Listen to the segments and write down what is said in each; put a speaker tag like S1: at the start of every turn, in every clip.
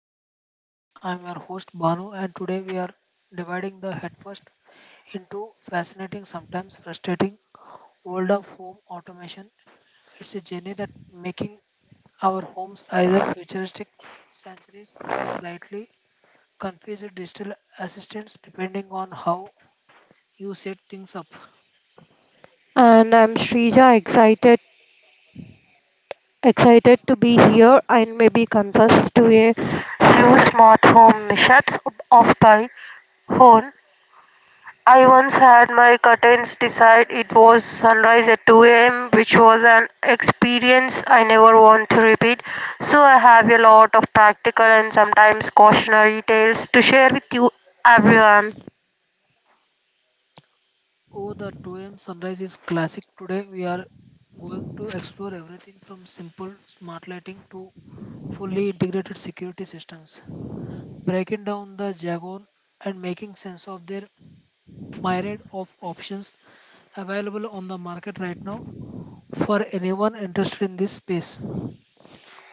S1: of Tech Talk. Today, I'm your host Banu, and today we are dividing the headfirst into fascinating, sometimes frustrating world of home automation. It's a journey that making our homes either futuristic sanctuaries or slightly confused digital assistants, depending on how you set things up.
S2: And I'm Shrija, excited to be here and maybe confess to a few smart home mishaps of my own. I once had my curtains decide it was sunrise at 2 a.m., which was an experience I never want to repeat. So I have a lot of practical and sometimes cautionary tales to share with you, everyone.
S1: Oh, the 2 a.m. sunrise is classic. Today we are going to explore everything from simple smart lighting to fully integrated security systems, breaking down the jargon and making sense of their myriad of options available on the market right now for anyone interested in this space.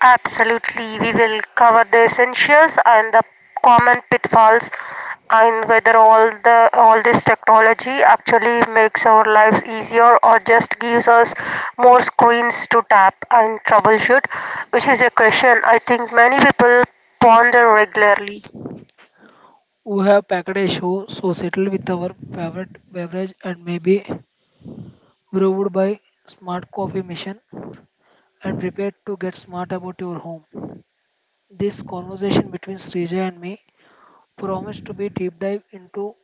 S2: Absolutely, we will cover the essentials and the common pitfalls and whether all the all this technology actually makes our lives easier or just gives us more screens to tap and troubleshoot, which is a question I think many people ponder regularly.
S1: We have packed a show, so settle with our favorite beverage and maybe brewed by Smart Coffee Mission, and prepare to get smart about your home. This conversation between Srija and me promised to be deep dive into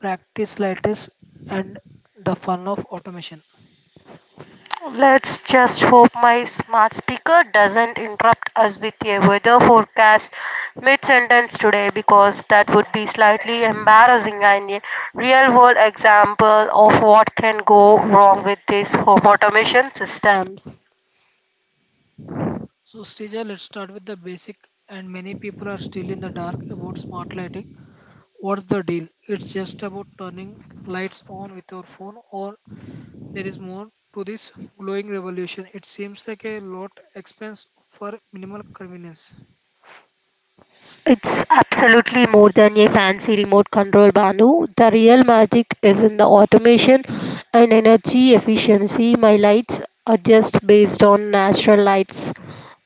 S1: practice latest and the fun of automation.
S2: Let's just hope my smart speaker doesn't interrupt us with a weather forecast mid sentence today because that would be slightly embarrassing and a real world example of what can go wrong with these home automation systems.
S1: So Srija, let's start with the basic, and many people are still in the dark about smart lighting. What's the deal? It's just about turning lights on with your phone, or there is more to this glowing revolution? It seems like a lot expense for minimal convenience.
S2: It's absolutely more than a fancy remote control, Banu. The real magic is in the automation and energy efficiency. My lights are just based on natural lights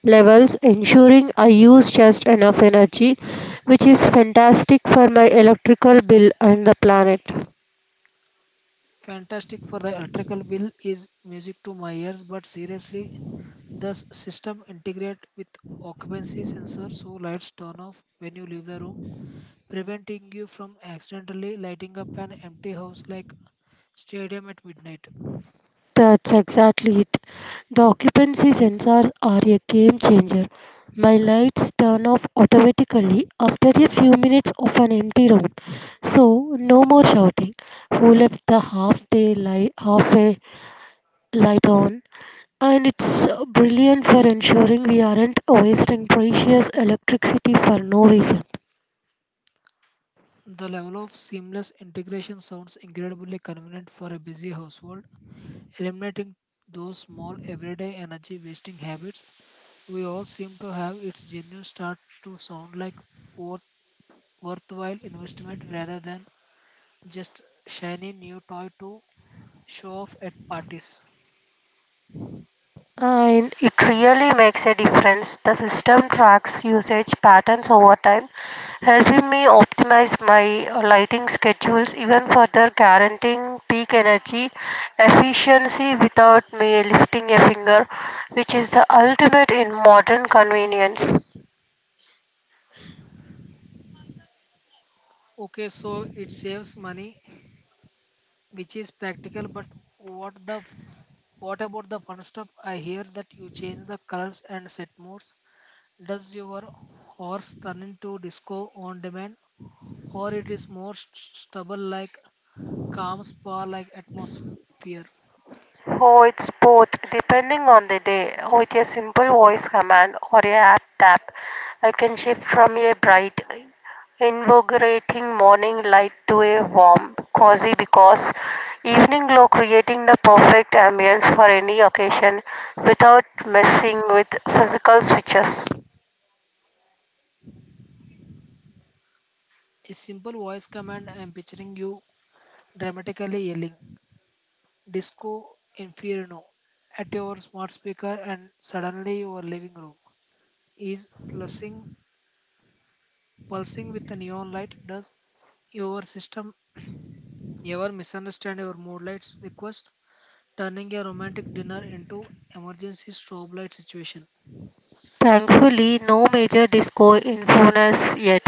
S2: levels, ensuring I use just enough energy, which is fantastic for my electrical bill and the planet.
S1: Fantastic for the electrical bill is music to my ears, but seriously, the system integrate with occupancy sensor so lights turn off when you leave the room, preventing you from accidentally lighting up an empty house like stadium at midnight.
S2: That's exactly it. The occupancy sensors are a game changer. My lights turn off automatically after a few minutes of an empty room. So, no more shouting. Who left the half day light halfway light on? And it's brilliant for ensuring we aren't wasting precious electricity for no reason.
S1: The level of seamless integration sounds incredibly convenient for a busy household, eliminating those small everyday energy wasting habits we all seem to have. Its genuine start to sound like worth- worthwhile investment rather than just shiny new toy to show off at parties.
S2: And it really makes a difference. The system tracks usage patterns over time, helping me optimize my lighting schedules even further, guaranteeing peak energy efficiency without me lifting a finger, which is the ultimate in modern convenience.
S1: Okay, so it saves money, which is practical, but what the f- what about the fun stuff? I hear that you change the colors and set modes. Does your horse turn into disco on demand, or it is more stubble like calm spa like atmosphere?
S2: Oh, it's both, depending on the day. With a simple voice command or a app tap, I can shift from a bright, invigorating morning light to a warm, cozy because evening glow creating the perfect ambience for any occasion without messing with physical switches.
S1: A simple voice command. I'm picturing you dramatically yelling "Disco Inferno" at your smart speaker, and suddenly your living room is pulsing with a neon light. Does your system ever misunderstand your mood lights request, turning a romantic dinner into emergency strobe light situation?
S2: Thankfully, no major disco influence yet.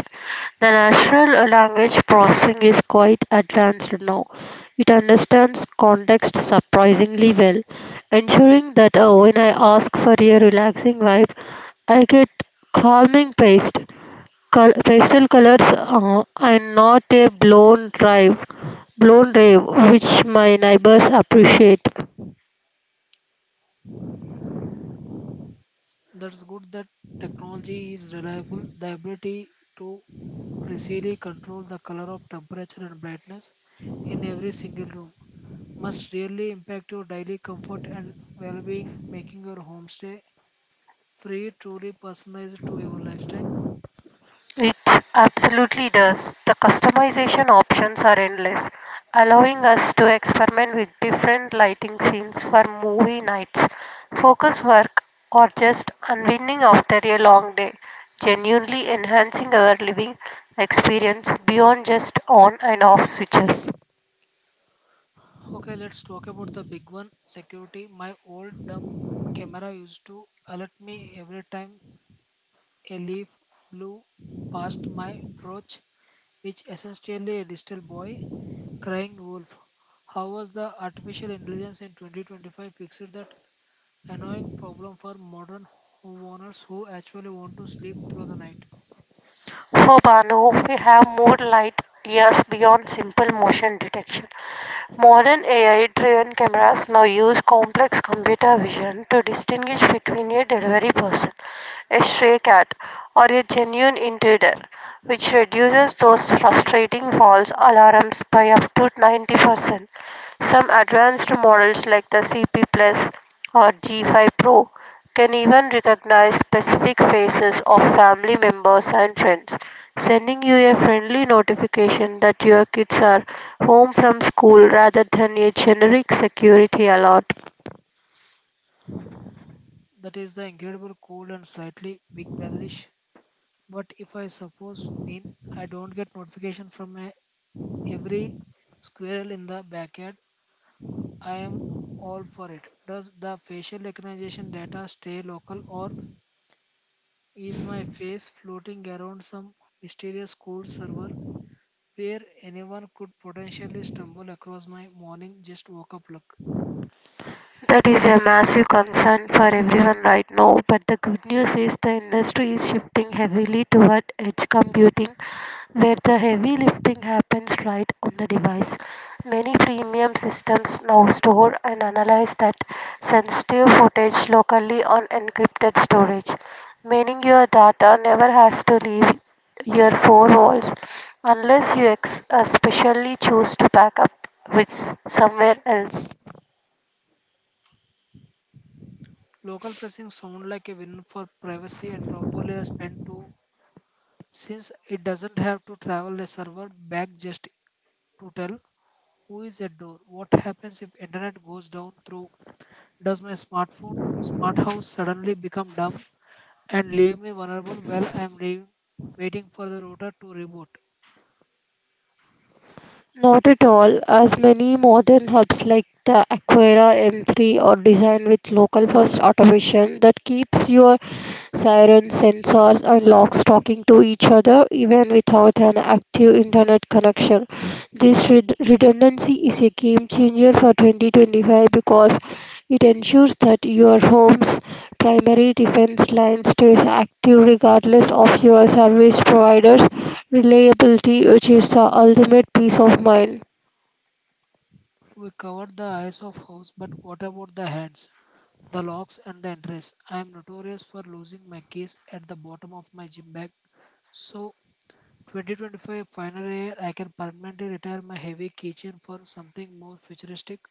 S2: The natural language processing is quite advanced now. It understands context surprisingly well, ensuring that when I ask for a relaxing vibe, I get calming paste, pastel colors, and not a blown rave, which my neighbors appreciate.
S1: That's good that technology is reliable. The ability to precisely control the color of temperature and brightness in every single room must really impact your daily comfort and well-being, making your homestay free truly personalized to your lifestyle.
S2: It absolutely does. The customization options are endless, allowing us to experiment with different lighting scenes for movie nights, focus work, or just unwinding after a long day, genuinely enhancing our living experience beyond just on and off switches.
S1: Okay, let's talk about the big one, security. My old dumb camera used to alert me every time a leaf blew past my porch, which essentially a digital boy crying wolf. How was the artificial intelligence in 2025 fixed that annoying problem for modern homeowners who actually want to sleep through the night?
S2: For Bano, we have more light years beyond simple motion detection. Modern AI driven cameras now use complex computer vision to distinguish between a delivery person, a stray cat, or a genuine intruder, which reduces those frustrating false alarms by up to 90%. Some advanced models like the CP Plus or G5 Pro can even recognize specific faces of family members and friends, sending you a friendly notification that your kids are home from school rather than a generic security alert.
S1: That is the incredible cold and slightly big brotherish. But if I suppose mean I don't get notification from my every squirrel in the backyard, I am all for it. Does the facial recognition data stay local, or is my face floating around some mysterious cold server where anyone could potentially stumble across my morning just woke up look?
S2: That is a massive concern for everyone right now, but the good news is the industry is shifting heavily toward edge computing where the heavy lifting happens right on the device. Many premium systems now store and analyze that sensitive footage locally on encrypted storage, meaning your data never has to leave your four walls unless you specially choose to back up with somewhere else.
S1: Local pressing sound like a win for privacy, and probably a spend too since it doesn't have to travel a server back just to tell who is at door. What happens if internet goes down through? Does my smartphone, smart house suddenly become dumb and leave me vulnerable while I am waiting for the router to reboot?
S2: Not at all, as many modern hubs like the Aquera M3 are designed with local first automation that keeps your sirens, sensors, and logs talking to each other even without an active internet connection. This redundancy is a game changer for 2025 because it ensures that your home's primary defense line stays active regardless of your service providers reliability, which is the ultimate peace of mind.
S1: We covered the eyes of house, but what about the hands, the locks, and the entrance? I am notorious for losing my keys at the bottom of my gym bag. So, 2025 final year, I can permanently retire my heavy keychain for something more futuristic?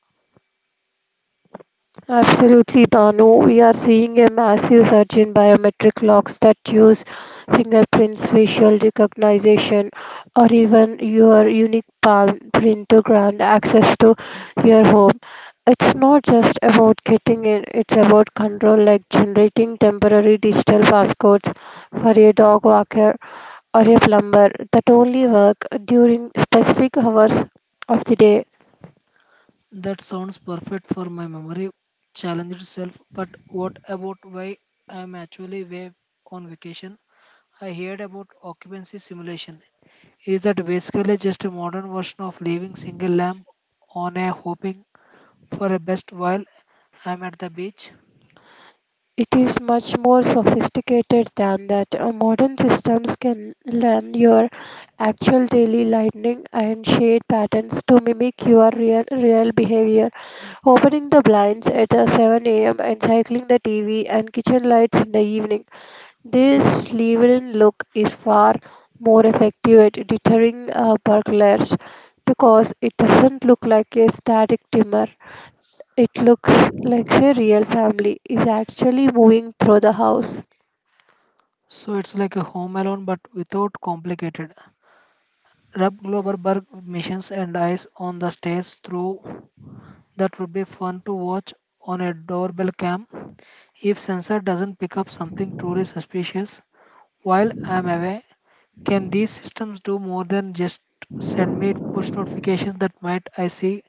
S2: Absolutely, Danu. We are seeing a massive surge in biometric locks that use fingerprints, facial recognition, or even your unique palm print to grant access to your home. It's not just about getting in, it's about control, like generating temporary digital passcodes for a dog walker or a plumber that only work during specific hours of the day.
S1: That sounds perfect for my memory challenge itself, but what about why I'm actually away on vacation? I heard about occupancy simulation. Is that basically just a modern version of leaving single lamp on a hoping for a best while I'm at the beach?
S2: It is much more sophisticated than that. Modern systems can learn your actual daily lightning and shade patterns to mimic your real behavior. Opening the blinds at 7 a.m. and cycling the TV and kitchen lights in the evening. This level look is far more effective at deterring burglars because it doesn't look like a static dimmer. It looks like a real family is actually moving through the house.
S1: So it's like a home alone but without complicated Rub Globerberg missions and eyes on the stairs through? That would be fun to watch on a doorbell cam. If sensor doesn't pick up something truly suspicious while I'm away, can these systems do more than just send me push notifications that might I see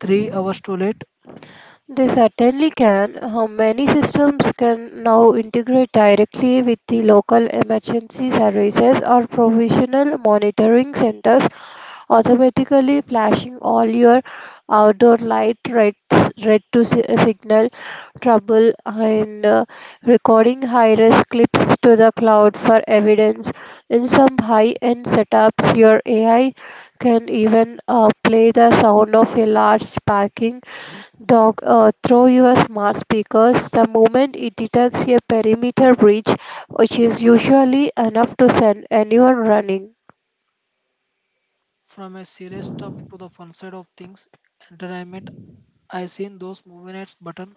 S1: 3 hours too late?
S2: They certainly can. How many systems can now integrate directly with the local emergency services or provisional monitoring centers automatically flashing all your outdoor light red to signal trouble and recording high res clips to the cloud for evidence. In some high end setups, your AI can even play the sound of a large barking dog through your smart speakers the moment it detects a perimeter breach, which is usually enough to send anyone running.
S1: From a serious stuff to the fun side of things, entertainment. I seen those movie nights button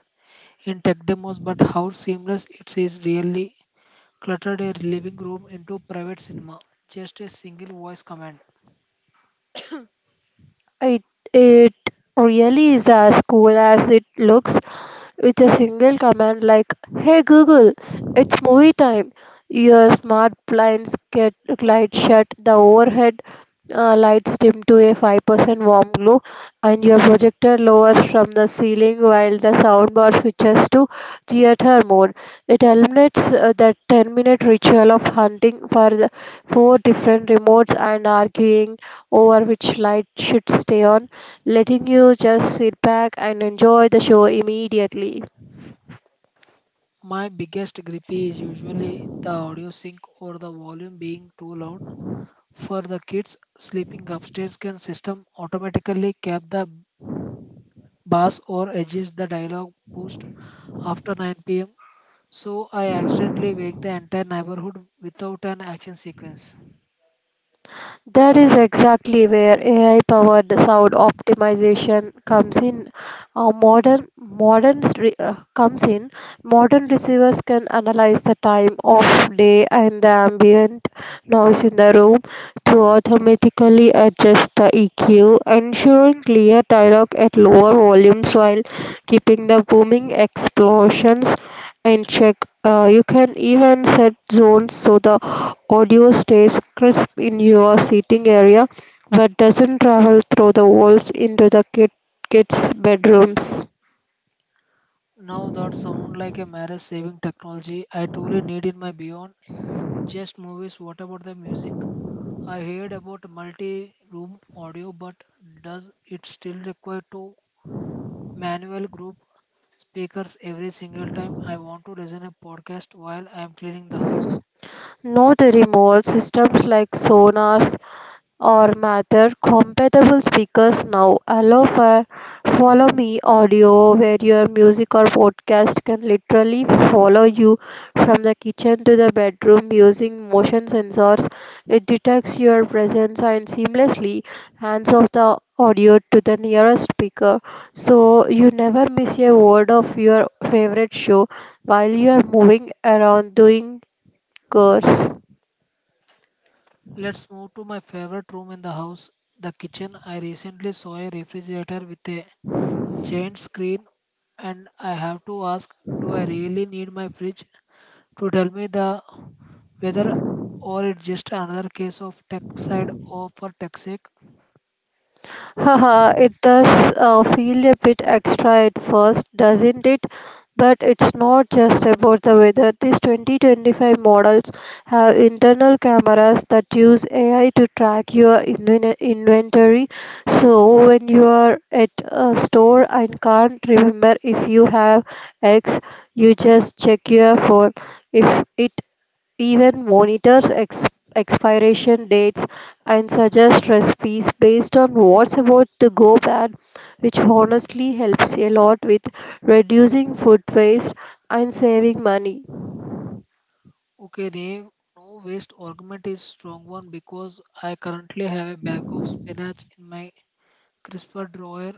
S1: in tech demos, but how seamless it is really cluttered a living room into private cinema? Just a single voice command.
S2: It it really is as cool as it looks with a single command like, "Hey Google, it's movie time." Your smart blinds get glide shut, the overhead lights dim to a 5% warm glow, and your projector lowers from the ceiling while the soundbar switches to theater mode. It eliminates the 10-minute ritual of hunting for the four different remotes and arguing over which light should stay on letting you just sit back and enjoy the show immediately.
S1: My biggest gripe is usually the audio sync or the volume being too loud. For the kids sleeping upstairs, can system automatically cap the bass or adjust the dialogue boost after 9 p.m. so I accidentally wake the entire neighborhood without an action sequence?
S2: That is exactly where AI powered sound optimization comes in. Uh, modern modern re- uh, comes in. Modern receivers can analyze the time of day and the ambient noise in the room to automatically adjust the EQ, ensuring clear dialogue at lower volumes while keeping the booming explosions in check. You can even set zones so the audio stays crisp in your sitting area but doesn't travel through the walls into the kids' bedrooms.
S1: Now that sound like a marriage saving technology I truly need in my beyond just movies. What about the music? I heard about multi room audio, but does it still require to manual group speakers every single time I want to listen a podcast while I am cleaning the house?
S2: Not remote systems like sonars or Matter compatible speakers now allow for Follow Me audio where your music or podcast can literally follow you from the kitchen to the bedroom using motion sensors. It detects your presence and seamlessly hands off the audio to the nearest speaker so you never miss a word of your favorite show while you are moving around doing chores.
S1: Let's move to my favorite room in the house, the kitchen. I recently saw a refrigerator with a giant screen, and I have to ask, do I really need my fridge to tell me the whether, or it's just another case of tech side or for toxic?
S2: Haha, it does feel a bit extra at first, doesn't it? But it's not just about the weather. These 2025 models have internal cameras that use AI to track your inventory. So when you are at a store and can't remember if you have X, you just check your phone. If it even monitors expiration dates and suggests recipes based on what's about to go bad, which honestly helps a lot with reducing food waste and saving money.
S1: Okay, Dave, no waste argument is strong one because I currently have a bag of spinach in my crisper drawer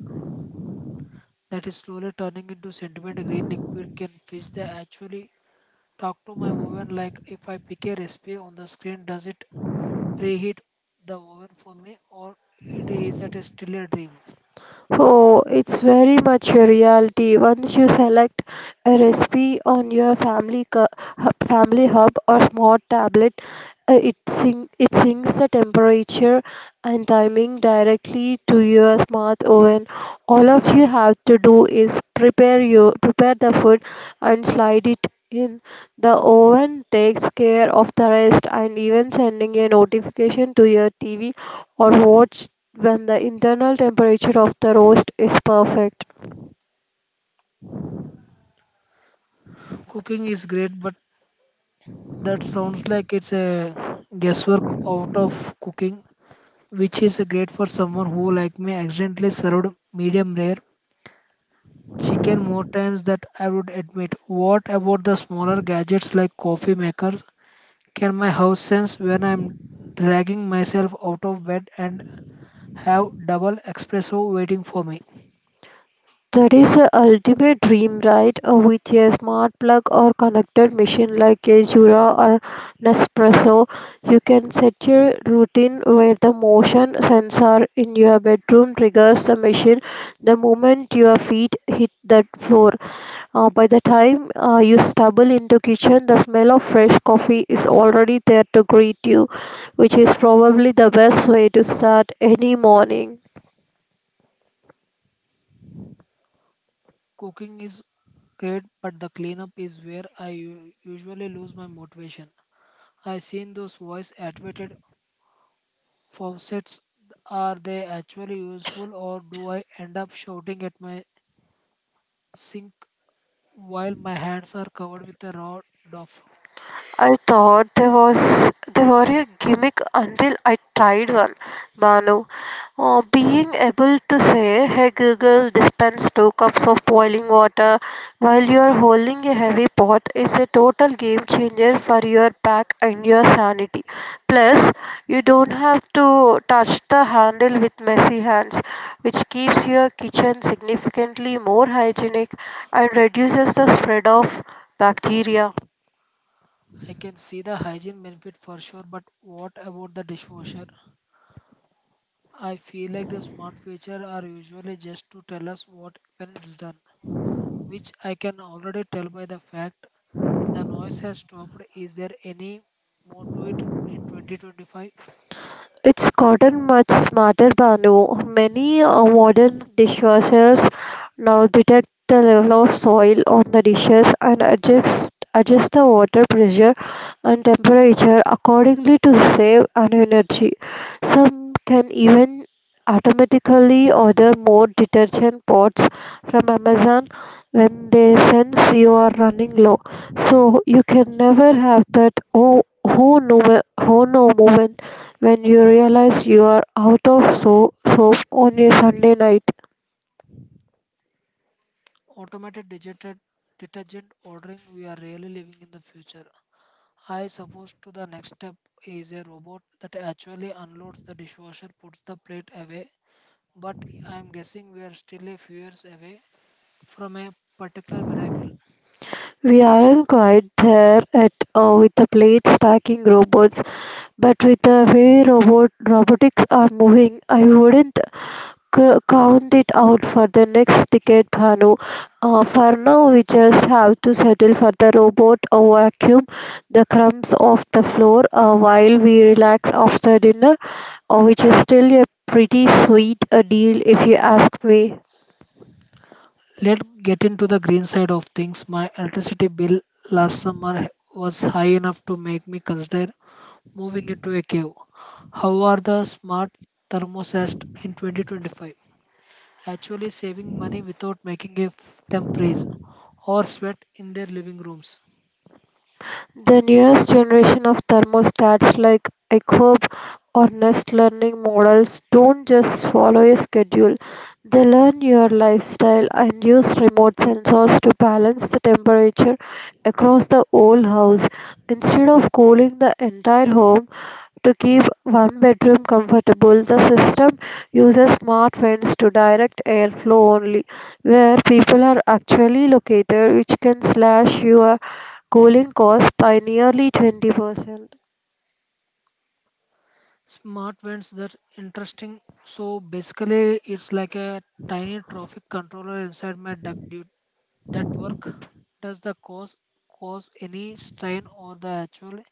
S1: that is slowly turning into sentiment green liquid. Can fish that actually talk to my oven, like if I pick a recipe on the screen does it preheat the oven for me, or it is that is still a dream?
S2: Oh, it's very much a reality. Once you select a recipe on your hub, family hub or smart tablet, it syncs the temperature and timing directly to your smart oven. All of you have to do is prepare the food and slide it in. The oven takes care of the rest and even sending a notification to your TV or watch when the internal temperature of the roast is perfect.
S1: Cooking is great but that sounds like it's a guesswork out of cooking, which is great for someone who, like me, accidentally served medium rare chicken more times than I would admit. What about the smaller gadgets like coffee makers? Can my house sense when I'm dragging myself out of bed and have double espresso waiting for me?
S2: That is the ultimate dream, right? With a smart plug or connected machine like a Jura or Nespresso, you can set your routine where the motion sensor in your bedroom triggers the machine the moment your feet hit that floor. By the time you stumble into kitchen, the smell of fresh coffee is already there to greet you, which is probably the best way to start any morning.
S1: Cooking is great, but the cleanup is where I usually lose my motivation. I seen those voice activated faucets. Are they actually useful, or do I end up shouting at my sink while my hands are covered with a rod of?
S2: I thought there was they were a gimmick until I tried one. Manu, being able to say, "Hey Google, dispense two cups of boiling water," while you are holding a heavy pot is a total game changer for your back and your sanity. Plus, you don't have to touch the handle with messy hands, which keeps your kitchen significantly more hygienic and reduces the spread of bacteria.
S1: I can see the hygiene benefit for sure, but what about the dishwasher? I feel like the smart feature are usually just to tell us what when it's done, which I can already tell by the fact the noise has stopped. Is there any more to it in 2025?
S2: It's gotten much smarter, Banu. Many modern dishwashers now detect the level of soil on the dishes and adjust the water pressure and temperature accordingly to save an energy. Some can even automatically order more detergent pots from Amazon when they sense you are running low. So you can never have that oh no moment when you realize you are out of soap on a Sunday night.
S1: Automated digital detergent ordering, we are really living in the future. I suppose to the next step is a robot that actually unloads the dishwasher, puts the plate away, but I'm guessing we are still a few years away from a particular miracle.
S2: We aren't quite there at with the plate stacking robots, but with the way robotics are moving, I wouldn't count it out for the next decade, Bhanu. For now, we just have to settle for the robot vacuum, the crumbs off the floor while we relax after dinner, which is still a pretty sweet a deal if you ask me.
S1: Let's get into the green side of things. My electricity bill last summer was high enough to make me consider moving into a cave. How are the smart thermostats in 2025 actually saving money without making them freeze or sweat in their living rooms?
S2: The newest generation of thermostats like Echo or Nest Learning models don't just follow a schedule. They learn your lifestyle and use remote sensors to balance the temperature across the whole house. Instead of cooling the entire home to keep one bedroom comfortable, the system uses smart vents to direct airflow only where people are actually located, which can slash your cooling costs by nearly 20%.
S1: Smart vents, that interesting. So basically, it's like a tiny traffic controller inside my duct dude. That work. Does the cause any strain on the actual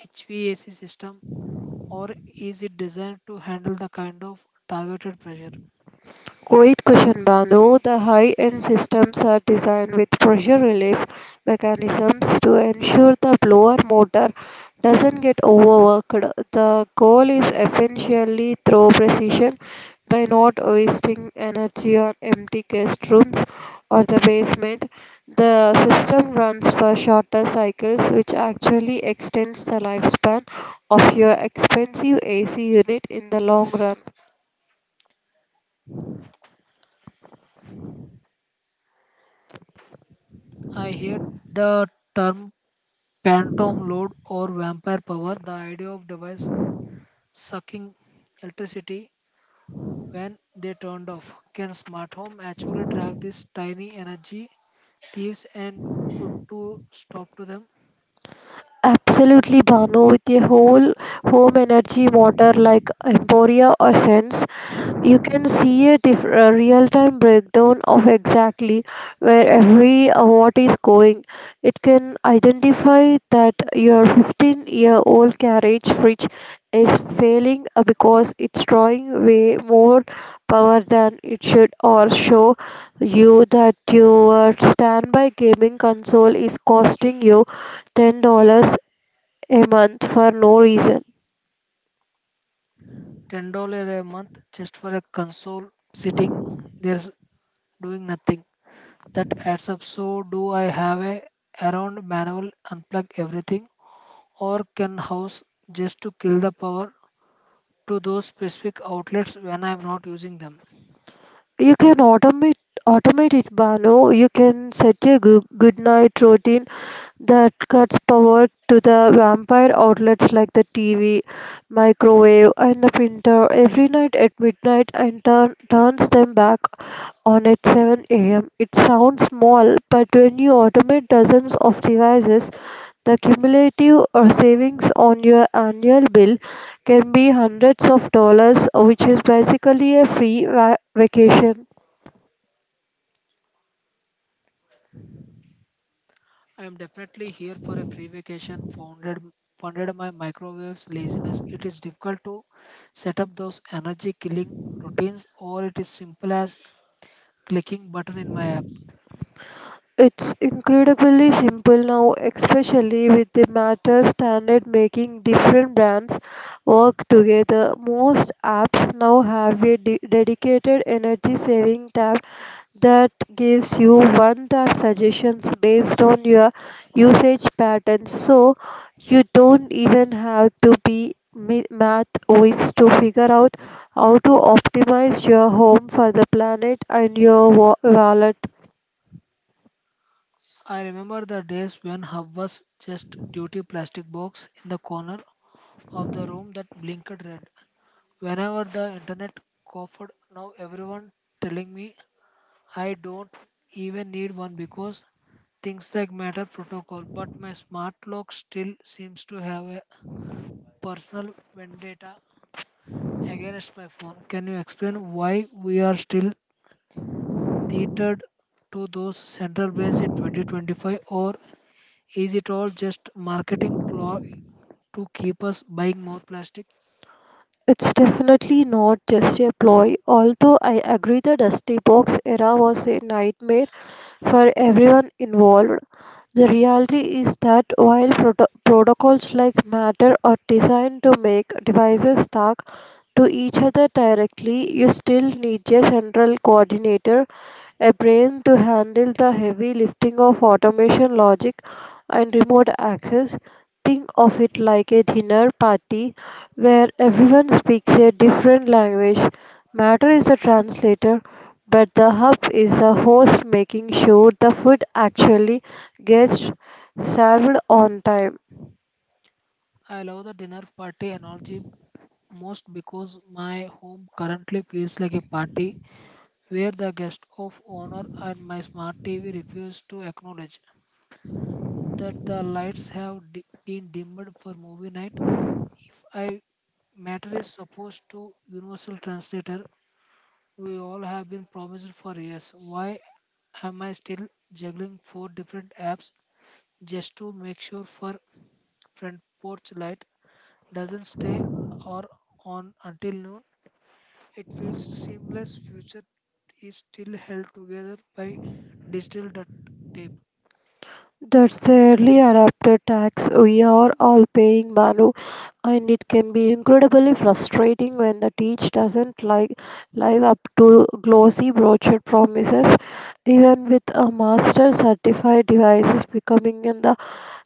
S1: HVAC system, or is it designed to handle the kind of targeted pressure?
S2: Great question, Banu. The high-end systems are designed with pressure relief mechanisms to ensure the blower motor doesn't get overworked. The goal is essentially throw precision by not wasting energy on empty guest rooms or the basement. The system runs for shorter cycles, which actually extends the lifespan of your expensive AC unit in the long run.
S1: I hear the term phantom load or vampire power. The idea of device sucking electricity when they turned off. Can smart home actually track these tiny energy thieves and put to stop to them?
S2: Absolutely, Bhanu. With a whole home energy motor like Emporia or Sense, you can see a real-time breakdown of exactly where every watt is going. It can identify that your 15-year-old carriage fridge is failing because it's drawing way more power than it should, or show you that your standby gaming console is costing you $10 a month for no reason.
S1: $10 a month just for a console sitting there's doing nothing. That adds up. So do I have a around manual unplug everything, or can house just to kill the power to those specific outlets when I'm not using them?
S2: You can automate it, Bano. You can set a good night routine that cuts power to the vampire outlets like the TV, microwave, and the printer every night at midnight and turns them back on at 7 a.m. It sounds small, but when you automate dozens of devices, the cumulative savings on your annual bill can be hundreds of dollars, which is basically a free vacation.
S1: I am definitely here for a free vacation founded funded my microwave's laziness. It is difficult to set up those energy killing routines, or it is simple as clicking button in my app?
S2: It's incredibly simple now, especially with the matter standard making different brands work together. Most apps now have a dedicated energy saving tab that gives you one tap suggestions based on your usage patterns. So you don't even have to be math whiz to figure out how to optimize your home for the planet and your wallet.
S1: I remember the days when hub was just duty plastic box in the corner of the room that blinked red whenever the internet coughed. Now everyone telling me I don't even need one because things like Matter Protocol, but my smart lock still seems to have a personal vendetta against my phone. Can you explain why we are still teetered to those central banks in 2025, or is it all just marketing ploy to keep us buying more plastic?
S2: It's definitely not just a ploy, although I agree the Dusty Box era was a nightmare for everyone involved. The reality is that while protocols like Matter are designed to make devices talk to each other directly, you still need a central coordinator, a brain to handle the heavy lifting of automation logic and remote access. Think of it like a dinner party where everyone speaks a different language. Matter is a translator, but the hub is the host making sure the food actually gets served on time.
S1: I love the dinner party analogy most because my home currently feels like a party where the guest of honor and my smart TV refused to acknowledge that the lights have been dimmed for movie night. If I matter is supposed to universal translator we all have been promised for years. Why am I still juggling four different apps just to make sure for front porch light doesn't stay or on until noon? It feels seamless. Future is still held together by digital duct tape.
S2: That's early adapted tax we are all paying, Manu, and it can be incredibly frustrating when the teach doesn't like live up to glossy brochure promises. Even with a master certified devices becoming in the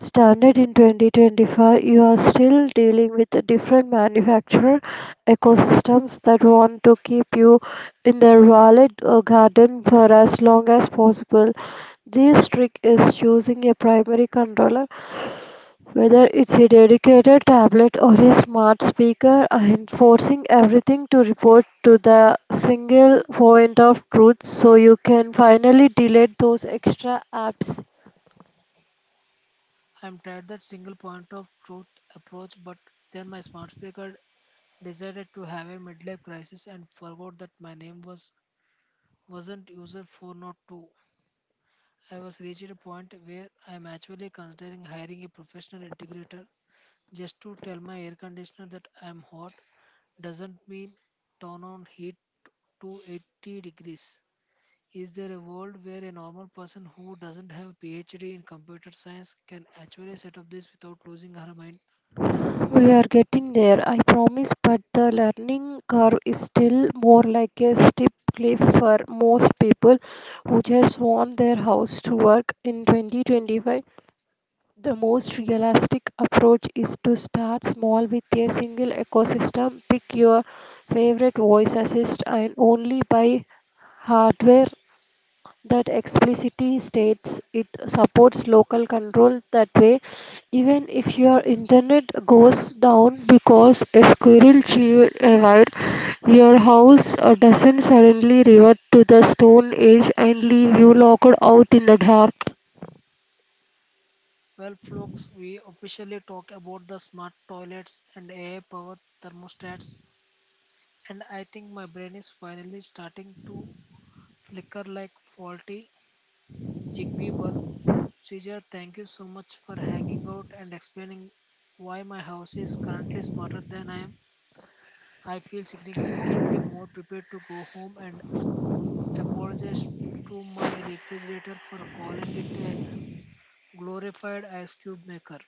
S2: standard in 2025, you are still dealing with the different manufacturer ecosystems that want to keep you in their wallet or garden for as long as possible. This trick is choosing a primary controller, whether it's a dedicated tablet or a smart speaker, and forcing everything to report to the single point of truth so you can finally delete those extra apps.
S1: I'm tired that single point of truth approach, but then my smart speaker decided to have a midlife crisis and forgot that my name wasn't user 402. I was reached a point where I'm actually considering hiring a professional integrator just to tell my air conditioner that I'm hot doesn't mean turn on heat to 80 degrees. Is there a world where a normal person who doesn't have a PhD in computer science can actually set up this without losing her mind?
S2: We are getting there, I promise, but the learning curve is still more like a steep cliff for most people who just want their house to work in 2025. The most realistic approach is to start small with a single ecosystem. Pick your favorite voice assist and only buy hardware that explicitly states it supports local control. That way, even if your internet goes down because a squirrel chewed a wire, your house doesn't suddenly revert to the stone age and leave you locked out in the dark.
S1: Well, folks, we officially talk about the smart toilets and AI-powered thermostats, and I think my brain is finally starting to flicker like faulty Zigbee bulb. Srija, thank you so much for hanging out and explaining why my house is currently smarter than I am. I feel significantly more prepared to go home and apologize to my refrigerator for calling it a glorified ice cube maker.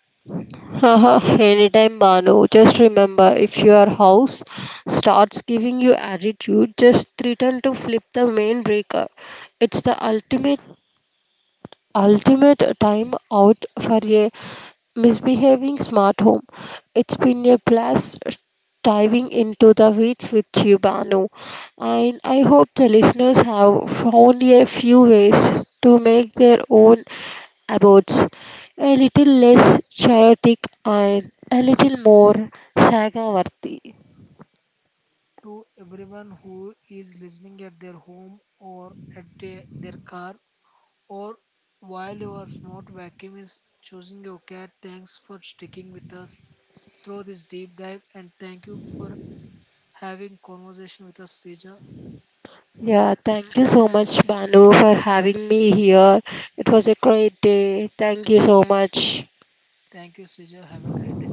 S2: Haha, anytime, Banu. Just remember, if your house starts giving you attitude, just threaten to flip the main breaker. It's the ultimate time out for a misbehaving smart home. It's been a blast diving into the weeds with you, Banu, and I hope the listeners have found a few ways to make their own abodes a little less chaotic and a little more saga worthy.
S1: To everyone who is listening at their home or at their car or while your smart vacuum is choosing your cat, thanks for sticking with us through this deep dive, and thank you for having conversation with us, Sija.
S2: Yeah, thank you so much, Banu, for having me here. It was a great day. Thank you so much.
S1: Thank you, Sija. Have a great day.